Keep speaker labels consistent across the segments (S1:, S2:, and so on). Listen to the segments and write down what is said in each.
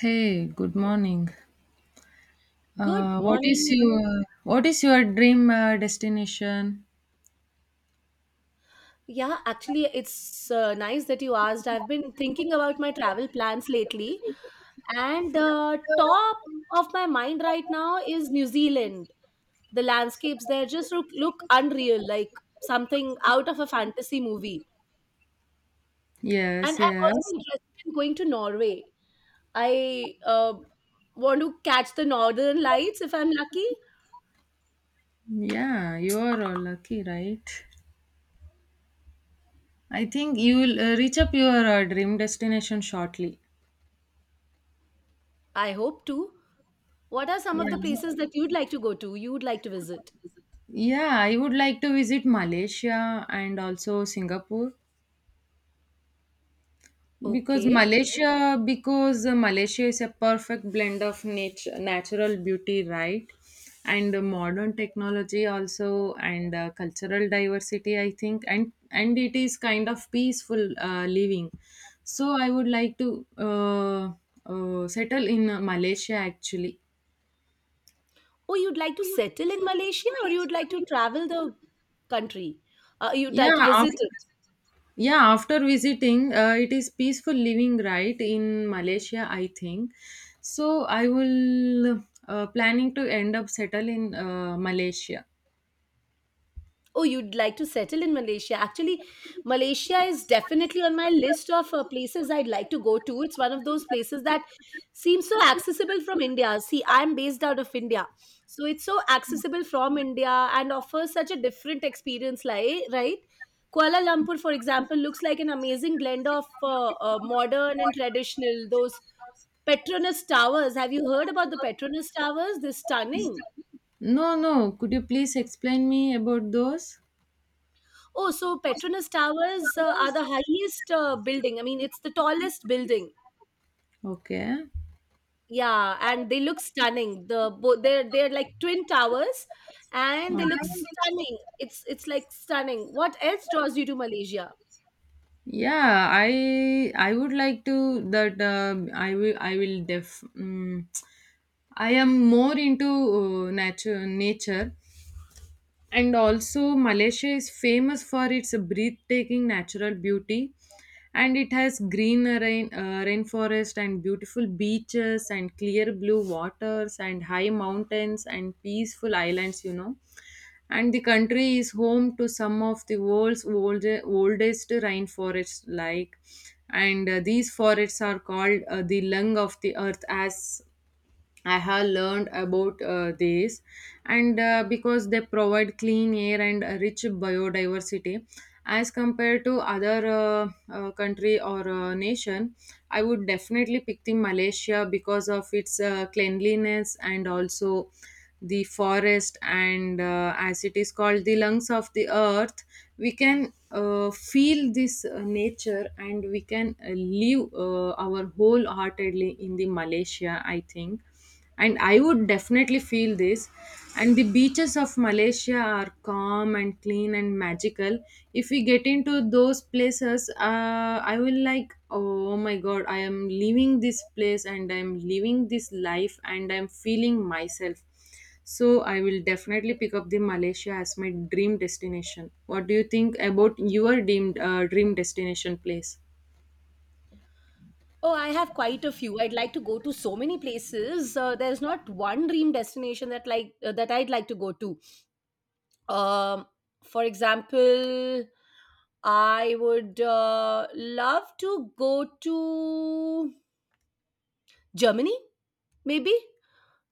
S1: Hey, good morning.
S2: Good
S1: What is
S2: morning.
S1: your what is your dream destination?
S2: Yeah, actually, it's nice that you asked. I've been thinking about my travel plans lately, and the top of my mind right now is New Zealand. The landscapes there just look unreal, like something out of a fantasy movie.
S1: Yes,
S2: And I'm also
S1: yes.
S2: interested in going to Norway. I want to catch the northern lights if I'm lucky.
S1: Yeah, you are all lucky, right? I think you will reach up your dream destination shortly.
S2: I hope to. What are some of
S1: Yeah.
S2: the places that you'd like to go to, you'd like to visit?
S1: Yeah, I would like to visit Malaysia and also Singapore.
S2: Okay.
S1: Because Malaysia is a perfect blend of nature, natural beauty, right? And modern technology also, and cultural diversity, I think, and it is kind of peaceful living. So I would like to settle in Malaysia actually.
S2: Oh, you'd like to settle in Malaysia or you'd like to travel the country? You'd like to
S1: Yeah,
S2: visit
S1: after
S2: it?
S1: yeah, after visiting, it is peaceful living, right, in Malaysia, I think. So I will planning to end up settle in Malaysia.
S2: Oh, you'd like to settle in Malaysia. Actually, Malaysia is definitely on my list of places I'd like to go to. It's one of those places that seems so accessible from India. See, I'm based out of India. So it's so accessible from India and offers such a different experience, like, right? Kuala Lumpur, for example, looks like an amazing blend of modern and traditional. Those Petronas Towers. Have you heard about the Petronas Towers? They're stunning.
S1: No, no. Could you please explain me about those?
S2: Oh, so Petronas Towers are the highest building. I mean, it's the tallest building.
S1: Okay.
S2: Yeah, and they look stunning. They're like twin towers, and they look
S1: Mhm.
S2: stunning. It's like stunning. What else draws you to Malaysia?
S1: Yeah, I would like to that, I will def mm, I am more into nature and also, Malaysia is famous for its breathtaking natural beauty, and it has green rain, rainforest and beautiful beaches and clear blue waters and high mountains and peaceful islands. You know, and the country is home to some of the world's old, oldest rainforests. Like, and these forests are called the lung of the earth, as I have learned about this, and because they provide clean air and a rich biodiversity, as compared to other country or nation, I would definitely pick the Malaysia because of its cleanliness and also the forest and as it is called the lungs of the earth, we can feel this nature, and we can live our wholeheartedly in the Malaysia, I think, and I would definitely feel this. And the beaches of Malaysia are calm and clean and magical. If we get into those places, I will like, oh my god, I am leaving this place and I am living this life and I am feeling myself. So I will definitely pick up the Malaysia as my dream destination. What do you think about your dream dream destination place?
S2: Oh, I have quite a few. I'd like to go to so many places. There's not one dream destination that I'd like to go to. Um, for example, I would love to go to Germany. Maybe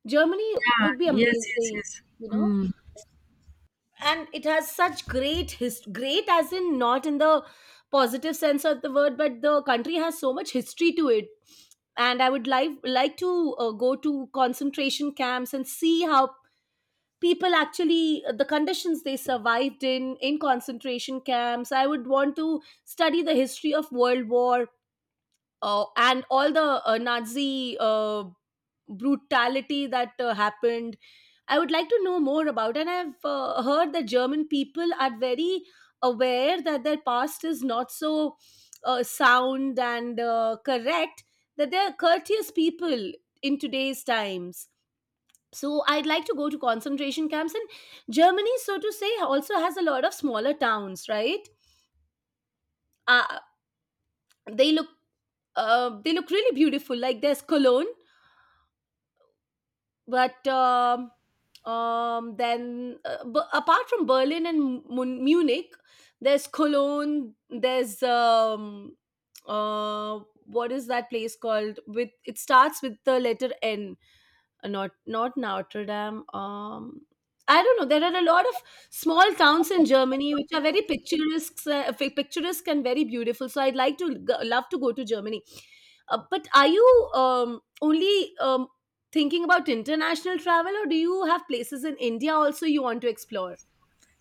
S2: Germany
S1: Ah,
S2: would be
S1: yes, yes,
S2: amazing,
S1: yes.
S2: you know?
S1: Hmm.
S2: And it has such great, as in not in the positive sense of the word, but the country has so much history to it. And I would like to go to concentration camps and see how people actually, the conditions they survived in concentration camps. I would want to study the history of World War, and all the Nazi brutality that happened I would like to know more about. And I've heard that German people are very aware that their past is not so sound and correct, that they're courteous people in today's times. So I'd like to go to concentration camps. And Germany, so to say, also has a lot of smaller towns, right? Uh, they look they look really beautiful. Like there's Cologne, but um, apart from Berlin and Munich, there's Cologne. There's uh, what is that place called? With it starts with the letter N, not Notre Dame. I don't know. There are a lot of small towns in Germany which are very picturesque, picturesque and very beautiful. So I'd like to love to go to Germany. But are you only thinking about international travel, or do you have places in India also you want to explore?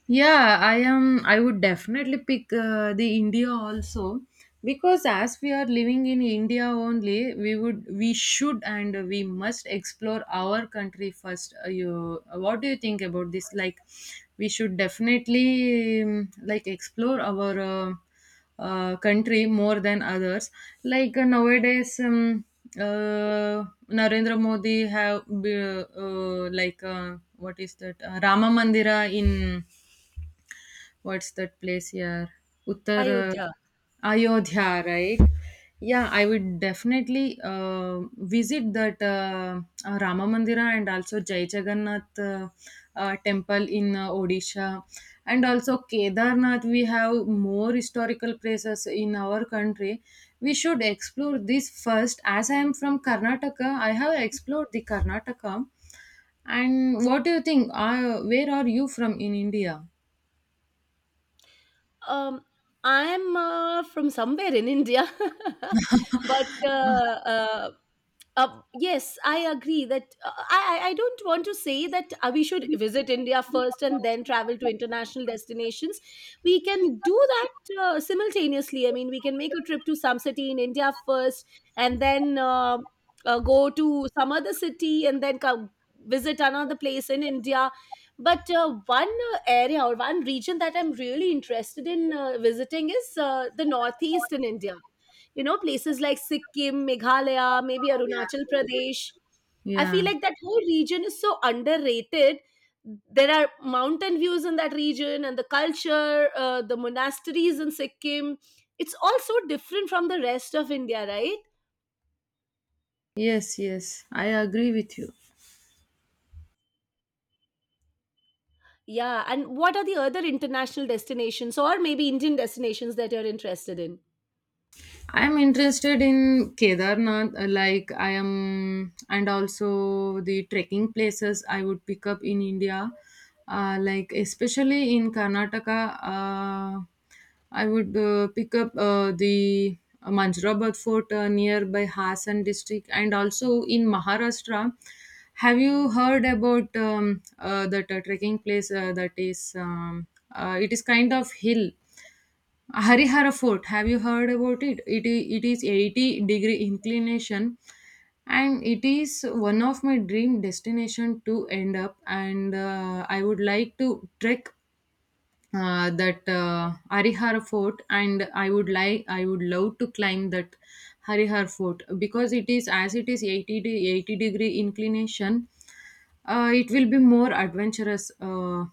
S1: Yeah, I am. I would definitely pick the India also, because as we are living in India only, we would, we should, and we must explore our country first. You, what do you think about this? Like, we should definitely like explore our country more than others. Like nowadays, Narendra Modi have like what is that Rama Mandira in what's that place here? Uttar
S2: Ayodhya.
S1: Ayodhya, right? Yeah, I would definitely visit that Rama Mandira, and also Jai Jagannath temple in Odisha. And also Kedarnath, we have more historical places in our country. We should explore this first. As I am from Karnataka, I have explored the Karnataka. And what do you think? Where are you from in India?
S2: Um, I'm from somewhere in India, but yes, I agree that I don't want to say that we should visit India first and then travel to international destinations. We can do that simultaneously. I mean, we can make a trip to some city in India first and then go to some other city and then come visit another place in India. But one area or one region that I'm really interested in visiting is the Northeast in India. You know, places like Sikkim, Meghalaya, maybe Arunachal Pradesh. I feel
S1: Yeah.
S2: like that whole region is so underrated. There are mountain views in that region, and the culture, the monasteries in Sikkim, it's all so different from the rest of India, right?
S1: Yes, yes, I agree with you.
S2: Yeah, and what are the other international destinations or maybe Indian destinations that you're interested in?
S1: I'm interested in Kedarnath, like I am, and also the trekking places I would pick up in India, like especially in Karnataka. I would pick up the Manjrabad Fort nearby Hassan district, and also in Maharashtra. Have you heard about that trekking place that is? It is kind of hill, Harihara Fort, have you heard about it? It is 80-degree inclination, and it is one of my dream destination to end up, and I would like to trek that Harihar Fort, and I would love to climb that Harihar Fort, because it is as it is 80-degree inclination. It will be more adventurous uh,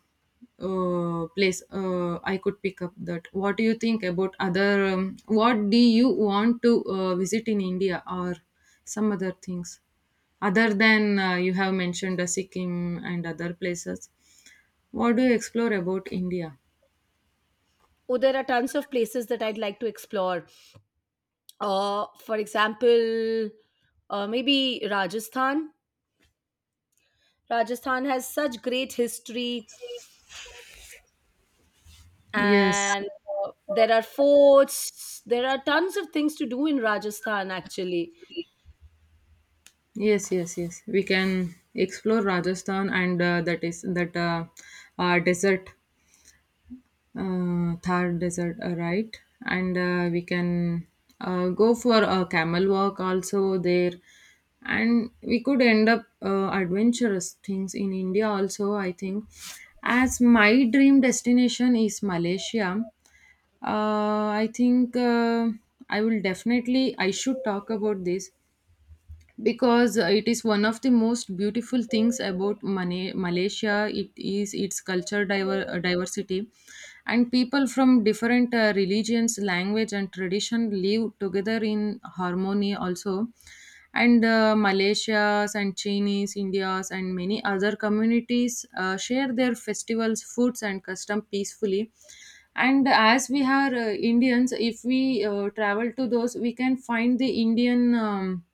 S1: uh, place. I could pick up that. What do you think about other? What do you want to visit in India or some other things? Other than you have mentioned Sikkim and other places, what do you explore about India?
S2: Oh, there are tons of places that I'd like to explore. For example, maybe Rajasthan. Rajasthan has such great history,
S1: Yes,
S2: and there are forts. There are tons of things to do in Rajasthan, actually.
S1: yes, yes, yes. We can explore Rajasthan and that is that desert, Thar desert, right? And we can go for a camel walk also there, and we could end up adventurous things in India also. I think, as my dream destination is Malaysia, I think I will definitely I should talk about this, because it is one of the most beautiful things about Malaysia, it is its diversity, and people from different religions, language, and tradition live together in harmony also, and Malaysias and Chinese, Indias, and many other communities share their festivals, foods, and custom peacefully. And as we are Indians, if we travel to those, we can find the Indian um,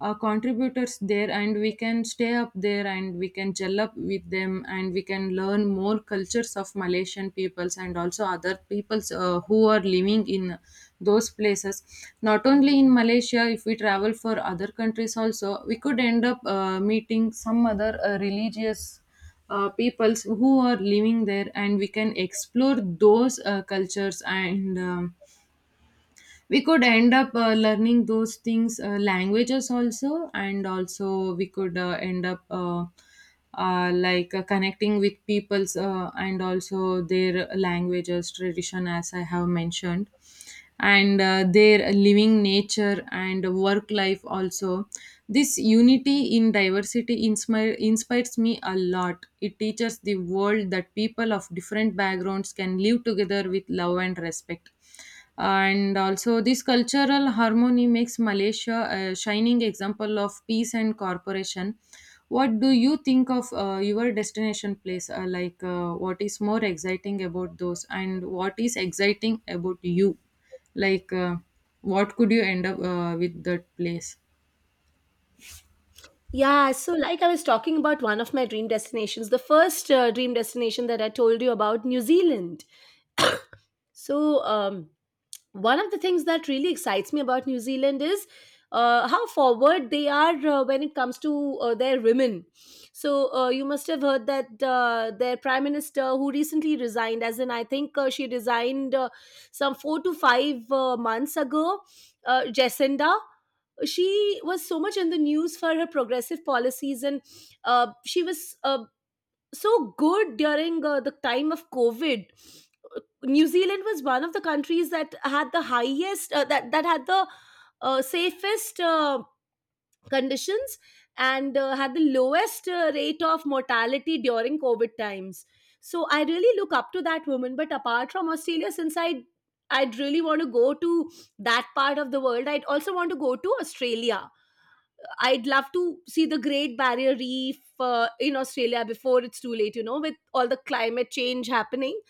S1: uh, contributors there, and we can stay up there, and we can gel up with them, and we can learn more cultures of Malaysian peoples and also other peoples who are living in those places. Not only in Malaysia, if we travel for other countries also, we could end up meeting some other religious peoples who are living there, and we can explore those cultures, and we could end up learning those things, languages also, and also we could end up like connecting with peoples, and also their languages, tradition, as I have mentioned, and their living nature and work life also. This unity in diversity inspires me a lot. It teaches the world that people of different backgrounds can live together with love and respect, and also this cultural harmony makes Malaysia a shining example of peace and cooperation. What do you think of your destination place, like what is more exciting about those, and what is exciting about you, like what could you end up with that place?
S2: Yeah, so like I was talking about one of my dream destinations, the first dream destination that I told you about, New Zealand. so um one of the things that really excites me about New Zealand is how forward they are when it comes to their women. So you must have heard that their prime minister, who recently resigned, as in I think she resigned some four to five months ago, Jacinda. She was so much in the news for her progressive policies, and she was so good during the time of COVID. New Zealand was one of the countries that had the highest, that that had the safest conditions and had the lowest rate of mortality during COVID times. So I really look up to that woman. But apart from Australia, since I'd really want to go to that part of the world, I'd also want to go to Australia. I'd love to see the Great Barrier Reef in Australia before it's too late, you know, with all the climate change happening.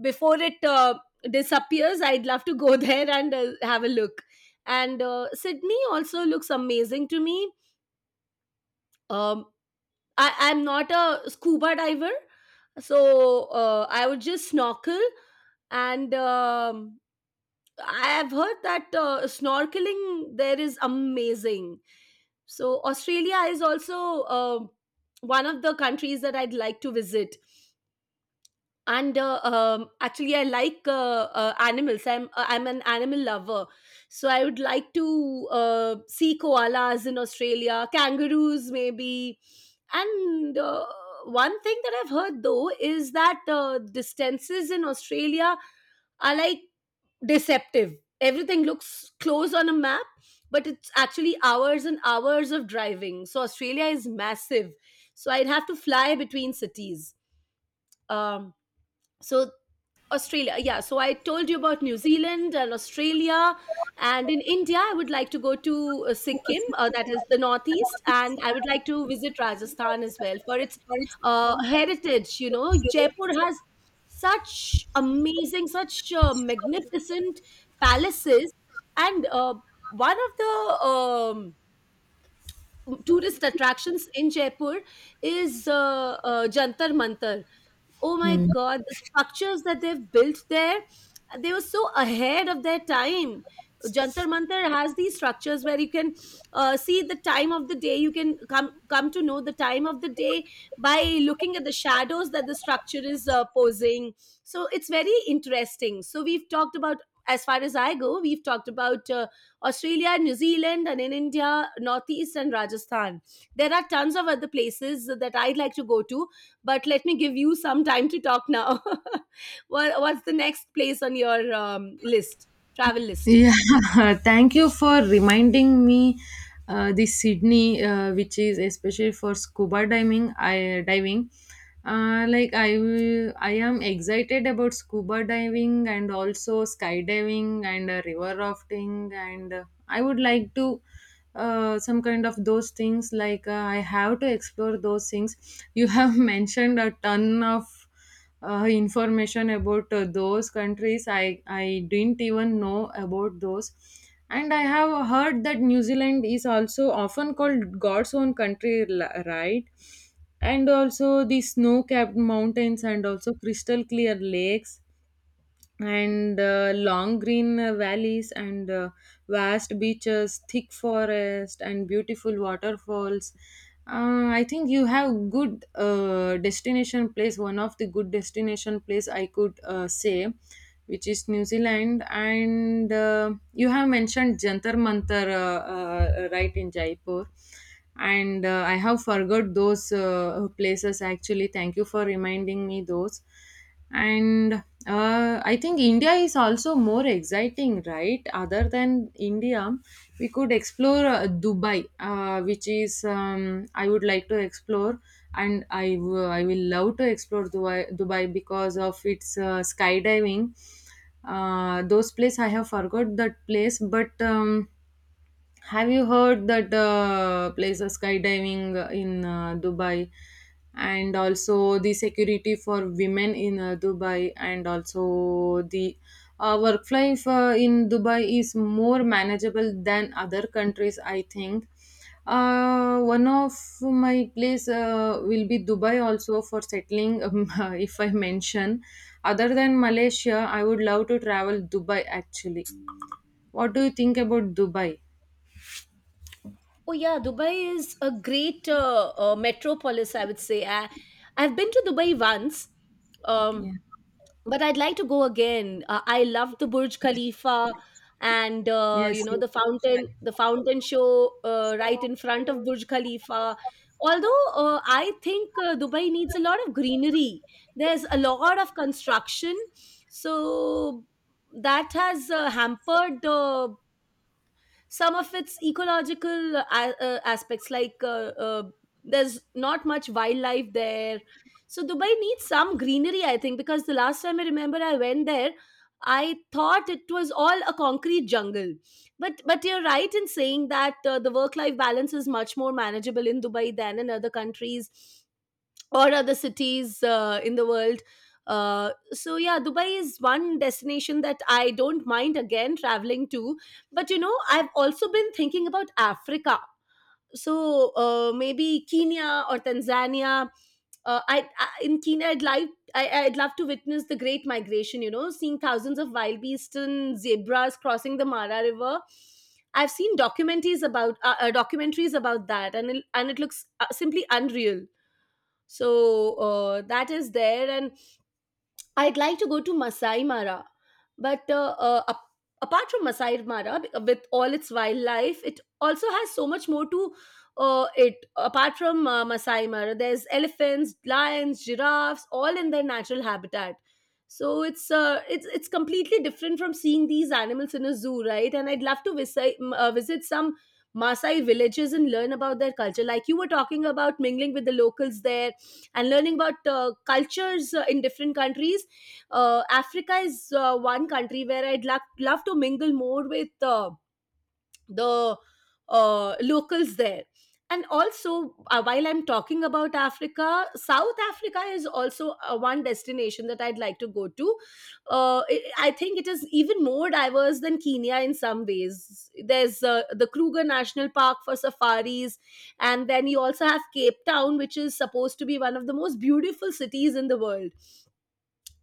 S2: Before it disappears, I'd love to go there and have a look. And Sydney also looks amazing to me. Um, I'm not a scuba diver, so I would just snorkel and. I have heard that snorkeling there is amazing. So Australia is also one of the countries that I'd like to visit. And actually, I like animals. I'm an animal lover, so I would like to see koalas in Australia, kangaroos maybe. And one thing that I've heard though is that distances in Australia are like deceptive. Everything looks close on a map, but it's actually hours and hours of driving. So Australia is massive. So I'd have to fly between cities. Um, so Australia. Yeah. So I told you about New Zealand and Australia. And in India, I would like to go to Sikkim, that is the Northeast. And I would like to visit Rajasthan as well for its heritage. You know, Jaipur has such amazing, such magnificent palaces. And one of the tourist attractions in Jaipur is Jantar Mantar. Oh my
S1: Hmm.
S2: god, the structures that they've built there, they were so ahead of their time. Jantar Mantar has these structures where you can see the time of the day. You can come to know the time of the day by looking at the shadows that the structure is posing. So it's very interesting. So we've talked about, as far as I go, we've talked about Australia, New Zealand, and in India, Northeast and Rajasthan. There are tons of other places that I'd like to go to, but let me give you some time to talk now. What's the next place on your travel list?
S1: Yeah, thank you for reminding me the Sydney, which is especially for scuba diving. Like I am excited about scuba diving and also skydiving and river rafting, and I would like to some kind of those things. Like I have to explore those things. You have mentioned a ton of information about those countries. I didn't even know about those, and I have heard that New Zealand is also often called God's own country, right, and also the snow capped mountains and also crystal clear lakes, and long green valleys, and vast beaches, thick forest, and beautiful waterfalls. Uh, I think you have good destination place, one of the good destination place I could say, which is New Zealand. And you have mentioned Jantar Mantar right in Jaipur, and I have forgot those places actually. Thank you for reminding me those. And I think India is also more exciting, right? Other than India, we could explore Dubai, which is I would like to explore, and I will love to explore Dubai, Dubai because of its skydiving. Those place I have forgot that place, but. Have you heard that place of skydiving in Dubai, and also the security for women in Dubai, and also the work life in Dubai is more manageable than other countries, I think. One of my place will be Dubai also for settling, if I mention. Other than Malaysia, I would love to travel Dubai actually. What do you think about Dubai?
S2: Oh yeah, Dubai is a great metropolis. I would say I've been to Dubai once. Um,
S1: Yeah.
S2: but I'd like to go again. I loved the Burj Khalifa, and
S1: Yes,
S2: you know,
S1: yes.
S2: the fountain show right in front of Burj Khalifa. Although I think Dubai needs a lot of greenery, there's a lot of construction, so that has hampered some of its ecological aspects. Like, there's not much wildlife there. So Dubai needs some greenery, I think, because the last time I remember I went there, I thought it was all a concrete jungle. But you're right in saying that the work life balance is much more manageable in Dubai than in other countries or other cities in the world. So yeah, Dubai is one destination that I don't mind again traveling to. But you know, I've also been thinking about Africa. So maybe Kenya or Tanzania. I In Kenya, I'd like I'd love to witness the Great Migration. You know, seeing thousands of wild beasts and zebras crossing the Mara River. I've seen documentaries about, documentaries about that, and it looks simply unreal. So that is there. And I'd like to go to Masai Mara, but uh, uh, ap- apart from Masai Mara, with all its wildlife, it also has so much more to it. Apart from Masai Mara, there's elephants, lions, giraffes, all in their natural habitat. So it's completely different from seeing these animals in a zoo, right? And I'd love to visit some Maasai villages and learn about their culture. Like you were talking about mingling with the locals there and learning about cultures in different countries. Africa is one country where I'd love to mingle more with the locals there. And also, while I'm talking about Africa, South Africa is also one destination that I'd like to go to. I think it is even more diverse than Kenya in some ways. There's the Kruger National Park for safaris, and then you also have Cape Town, which is supposed to be one of the most beautiful cities in the world.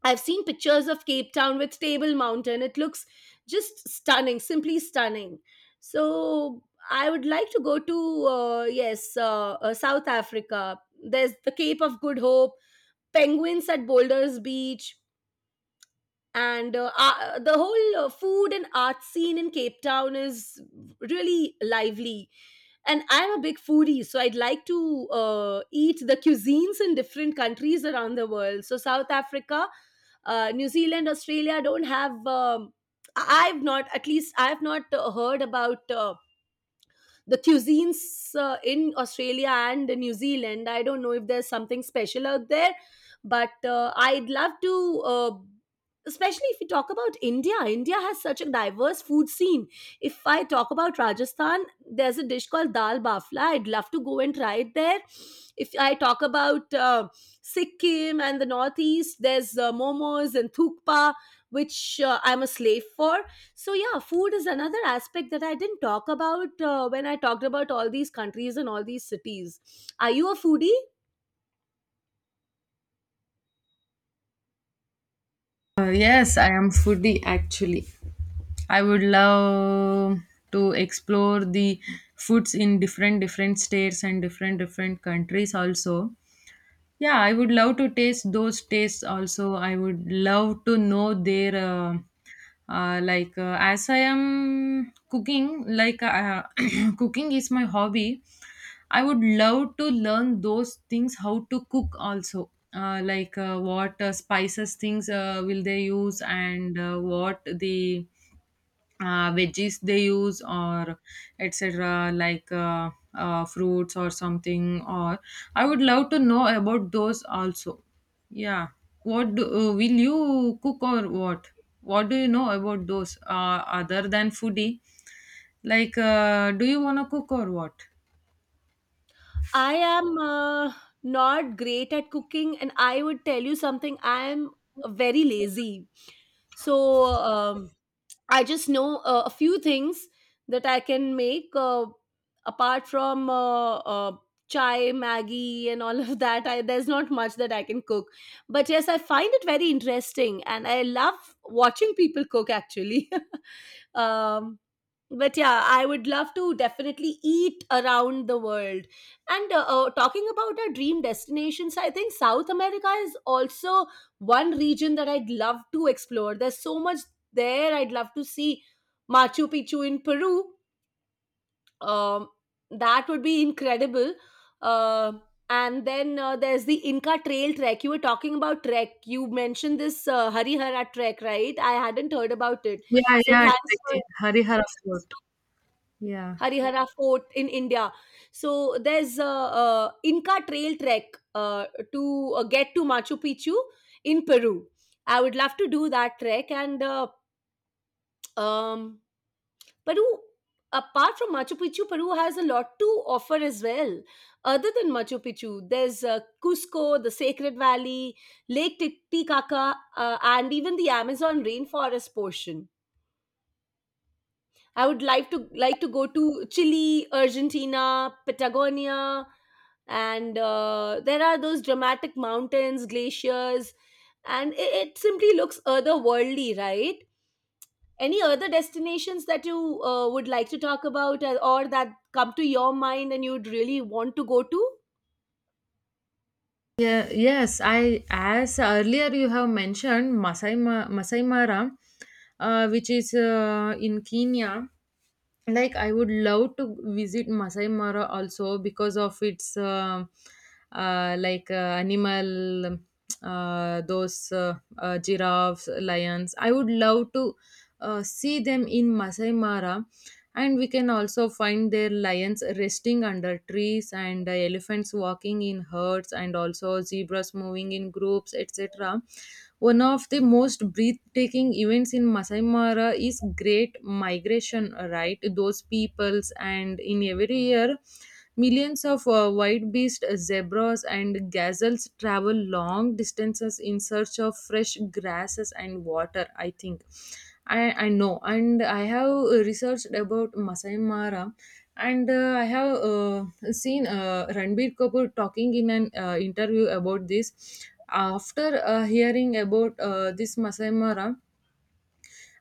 S2: I've seen pictures of Cape Town with Table Mountain. It looks just stunning, simply stunning. So I would like to go to South Africa. There's the Cape of Good Hope, penguins at Boulders Beach, and the whole food and art scene in Cape Town is really lively, and I'm a big foodie, so I'd like to eat the cuisines in different countries around the world. So South Africa, New Zealand, Australia don't have I've not heard about the cuisines in Australia and New Zealand. I don't know if there's something special out there, but I'd love to. Especially if you talk about India, India has such a diverse food scene. If I talk about Rajasthan, there's a dish called dal bafla. I'd love to go and try it there. If I talk about Sikkim and the northeast, there's momos and thukpa, which I'm a slave for. So yeah, food is another aspect that I didn't talk about when I talked about all these countries and all these cities. Are you a foodie?
S1: Yes, I am foodie actually. I would love to explore the foods in different different states and different different countries also. Yeah, I would love to taste those tastes also. I would love to know their like as I am cooking, like cooking is my hobby. I would love to learn those things how to cook also. Like what spices things will they use, and what the veggies they use, or etc, like fruits or something, or I would love to know about those also. Yeah. What will you cook, or what do you know about those other than foodie, like do you want to cook or what?
S2: I am not great at cooking, and I would tell you something. I am very lazy. So I just know a few things that I can make apart from chai, Maggie, and all of that. I, there's not much that I can cook. But yes, I find it very interesting and I love watching people cook actually. um, but yeah, I would love to definitely eat around the world. And talking about our dream destinations, I think South America is also one region that I'd love to explore. There's so much there. I'd love to see Machu Picchu in Peru. um, that would be incredible. uh, and then there's the Inca Trail trek. You were talking about trek, you mentioned this Harihara trek, right? I hadn't heard about it,
S1: Yeah,
S2: so
S1: yeah,
S2: thanks for.
S1: exactly. Harihara Fort. Yeah.
S2: Harihara Fort in India. So there's a, uh, Inca Trail trek to get to Machu Picchu in Peru. I would love to do that trek. And um, Peru, apart from Machu Picchu, Peru has a lot to offer as well. Other than Machu Picchu, there's Cusco, the Sacred Valley, Lake Titicaca, and even the Amazon rainforest portion. I would like to go to Chile, Argentina, Patagonia, and there are those dramatic mountains, glaciers, and it simply looks otherworldly, right? Any other destinations that you would like to talk about, or that come to your mind and you'd really want to go to?
S1: Yeah, yes, I as earlier you have mentioned Masai Mara, which is in Kenya. Like I would love to visit Masai Mara also because of its uh, like uh, animal, those giraffes, lions. I would love to see them in Masai Mara, and we can also find their lions resting under trees and elephants walking in herds and also zebras moving in groups, etc. One of the most breathtaking events in Masai Mara is Great Migration, right? Those peoples, and in every year, millions of white beasts, zebras, and gazelles travel long distances in search of fresh grasses and water, I think. I know, and I have researched about Masai Mara, and I have seen Ranbir Kapoor talking in an interview about this. After hearing about this Masai Mara,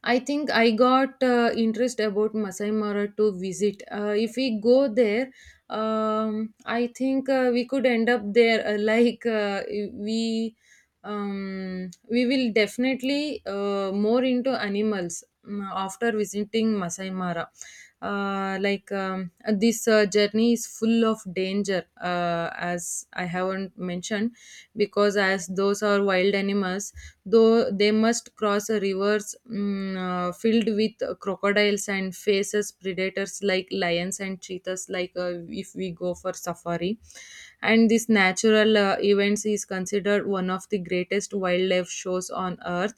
S1: I think I got interest about Masai Mara to visit. If we go there, I think we could end up there. We will definitely more into animals after visiting Masai Mara. Uh, like um, this journey is full of danger, as I haven't mentioned, because as those are wild animals, though they must cross a rivers filled with crocodiles and faces predators like lions and cheetahs, like if we go for safari. And this natural events is considered one of the greatest wildlife shows on earth.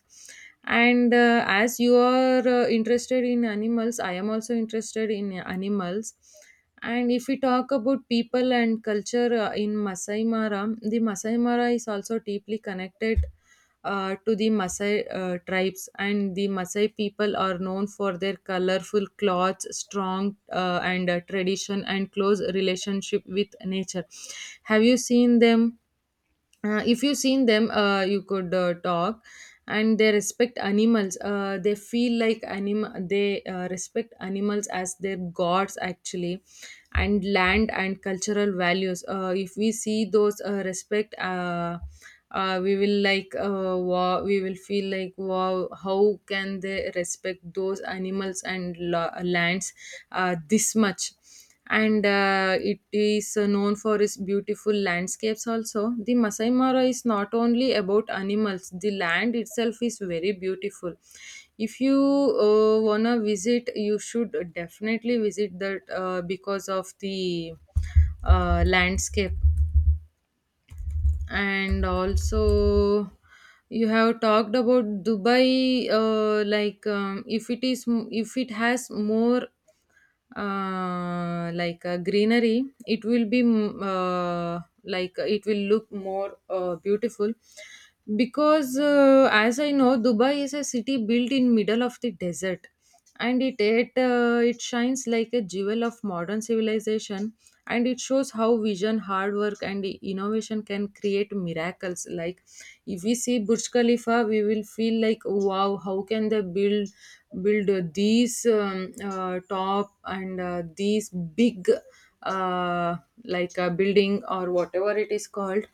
S1: And as you are interested in animals, I am also interested in animals. And if we talk about people and culture in Masai Mara, the Masai Mara is also deeply connected to the Maasai tribes, and the Maasai people are known for their colorful clothes, strong and tradition, and close relationship with nature. Have you seen them? If you've seen them, you could talk. And they respect animals. They feel like animal. They respect animals as their gods actually, and land and cultural values. If we see those respect, we will like, wow, we will feel like wow, how can they respect those animals and lands this much. And it is known for its beautiful landscapes. Also, the Masai Mara is not only about animals. The land itself is very beautiful. If you wanna visit, you should definitely visit that, because of the landscape. And also, you have talked about Dubai. If if it has more greenery, it will be, it will look more beautiful. Because as I know, Dubai is a city built in middle of the desert, and it shines like a jewel of modern civilization. And it shows how vision, hard work and innovation can create miracles. Like if we see Burj Khalifa, we will feel like wow, how can they build, build these top and these big, uh, like a building or whatever it is called.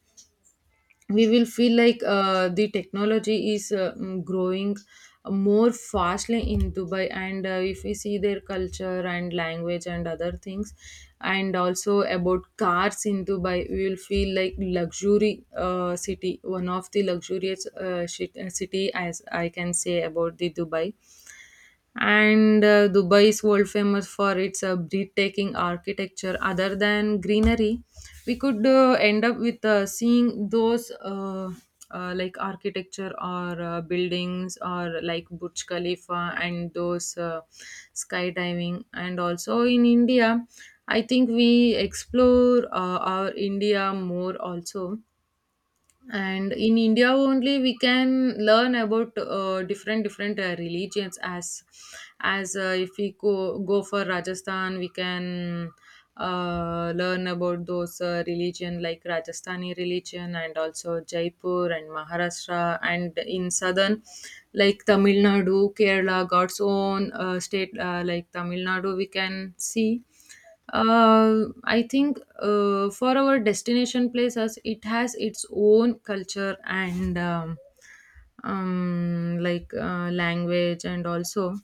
S1: We will feel like the technology is growing more fastly in Dubai. And if we see their culture and language and other things, and also about cars in Dubai, we will feel like luxury city, one of the luxurious city, as I can say about the Dubai. And Dubai is world famous for its breathtaking architecture other than greenery. We could end up with seeing those like architecture or buildings or like Burj Khalifa and those skydiving. And also in India, I think we explore our India more also. And in India only, we can learn about different different religions. As as if we go for Rajasthan, we can learn about those religion, like Rajasthani religion, and also Jaipur and Maharashtra. And in southern, like Tamil Nadu, Kerala, God's own state, like Tamil Nadu, we can see. I think for our destination places, it has its own culture and language. And also,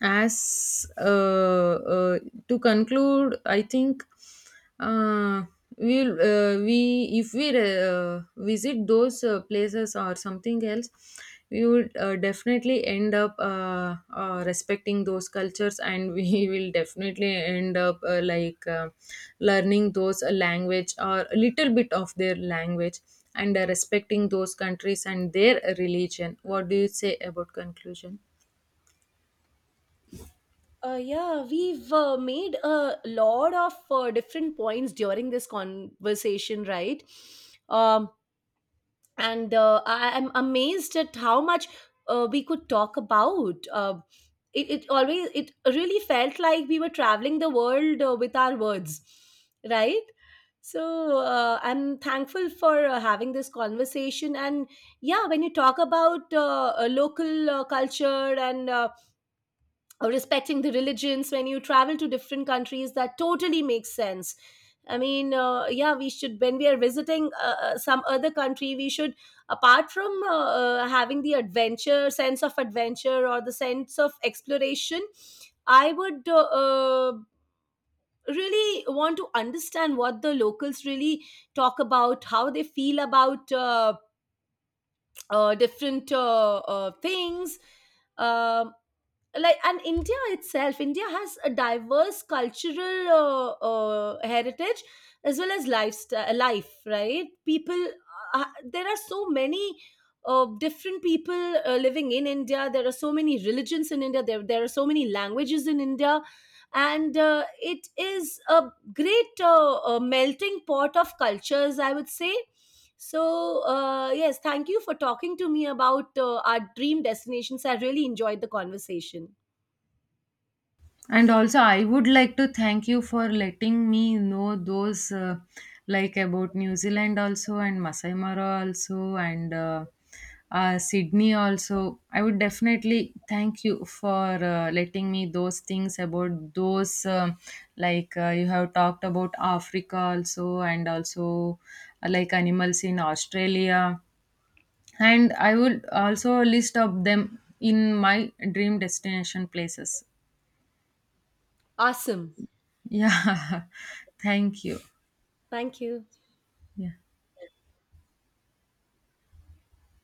S1: as to conclude, I think uh, we, if we visit those places or something else, we would definitely end up respecting those cultures. And we will definitely end up learning those language, or a little bit of their language, and respecting those countries and their religion. What do you say about conclusion?
S2: Yeah, we've made a lot of different points during this conversation, right? Um, and I am amazed at how much we could talk about. It, it always it really felt like we were traveling the world with our words, right? So I'm thankful for having this conversation. And yeah, when you talk about local culture and or respecting the religions when you travel to different countries, that totally makes sense. I mean, yeah, we should. When we are visiting some other country, we should, apart from having the adventure, sense of adventure or the sense of exploration, I would really want to understand what the locals really talk about, how they feel about different things. um, like, and India itself, India has a diverse cultural heritage as well as lifestyle, life, right? People there are so many different people living in India. There are so many religions in India. There are so many languages in India. And it is a great melting pot of cultures, I would say. So yes, thank you for talking to me about our dream destinations. I really enjoyed the conversation.
S1: And also, I would like to thank you for letting me know those, like about New Zealand also and Masai Mara also and Sydney also. I would definitely thank you for letting me those things about those, you have talked about Africa also, and also like animals in Australia. And I would also list up them in my dream destination places.
S2: Awesome.
S1: Yeah. Thank you.
S2: Thank you.
S1: Yeah.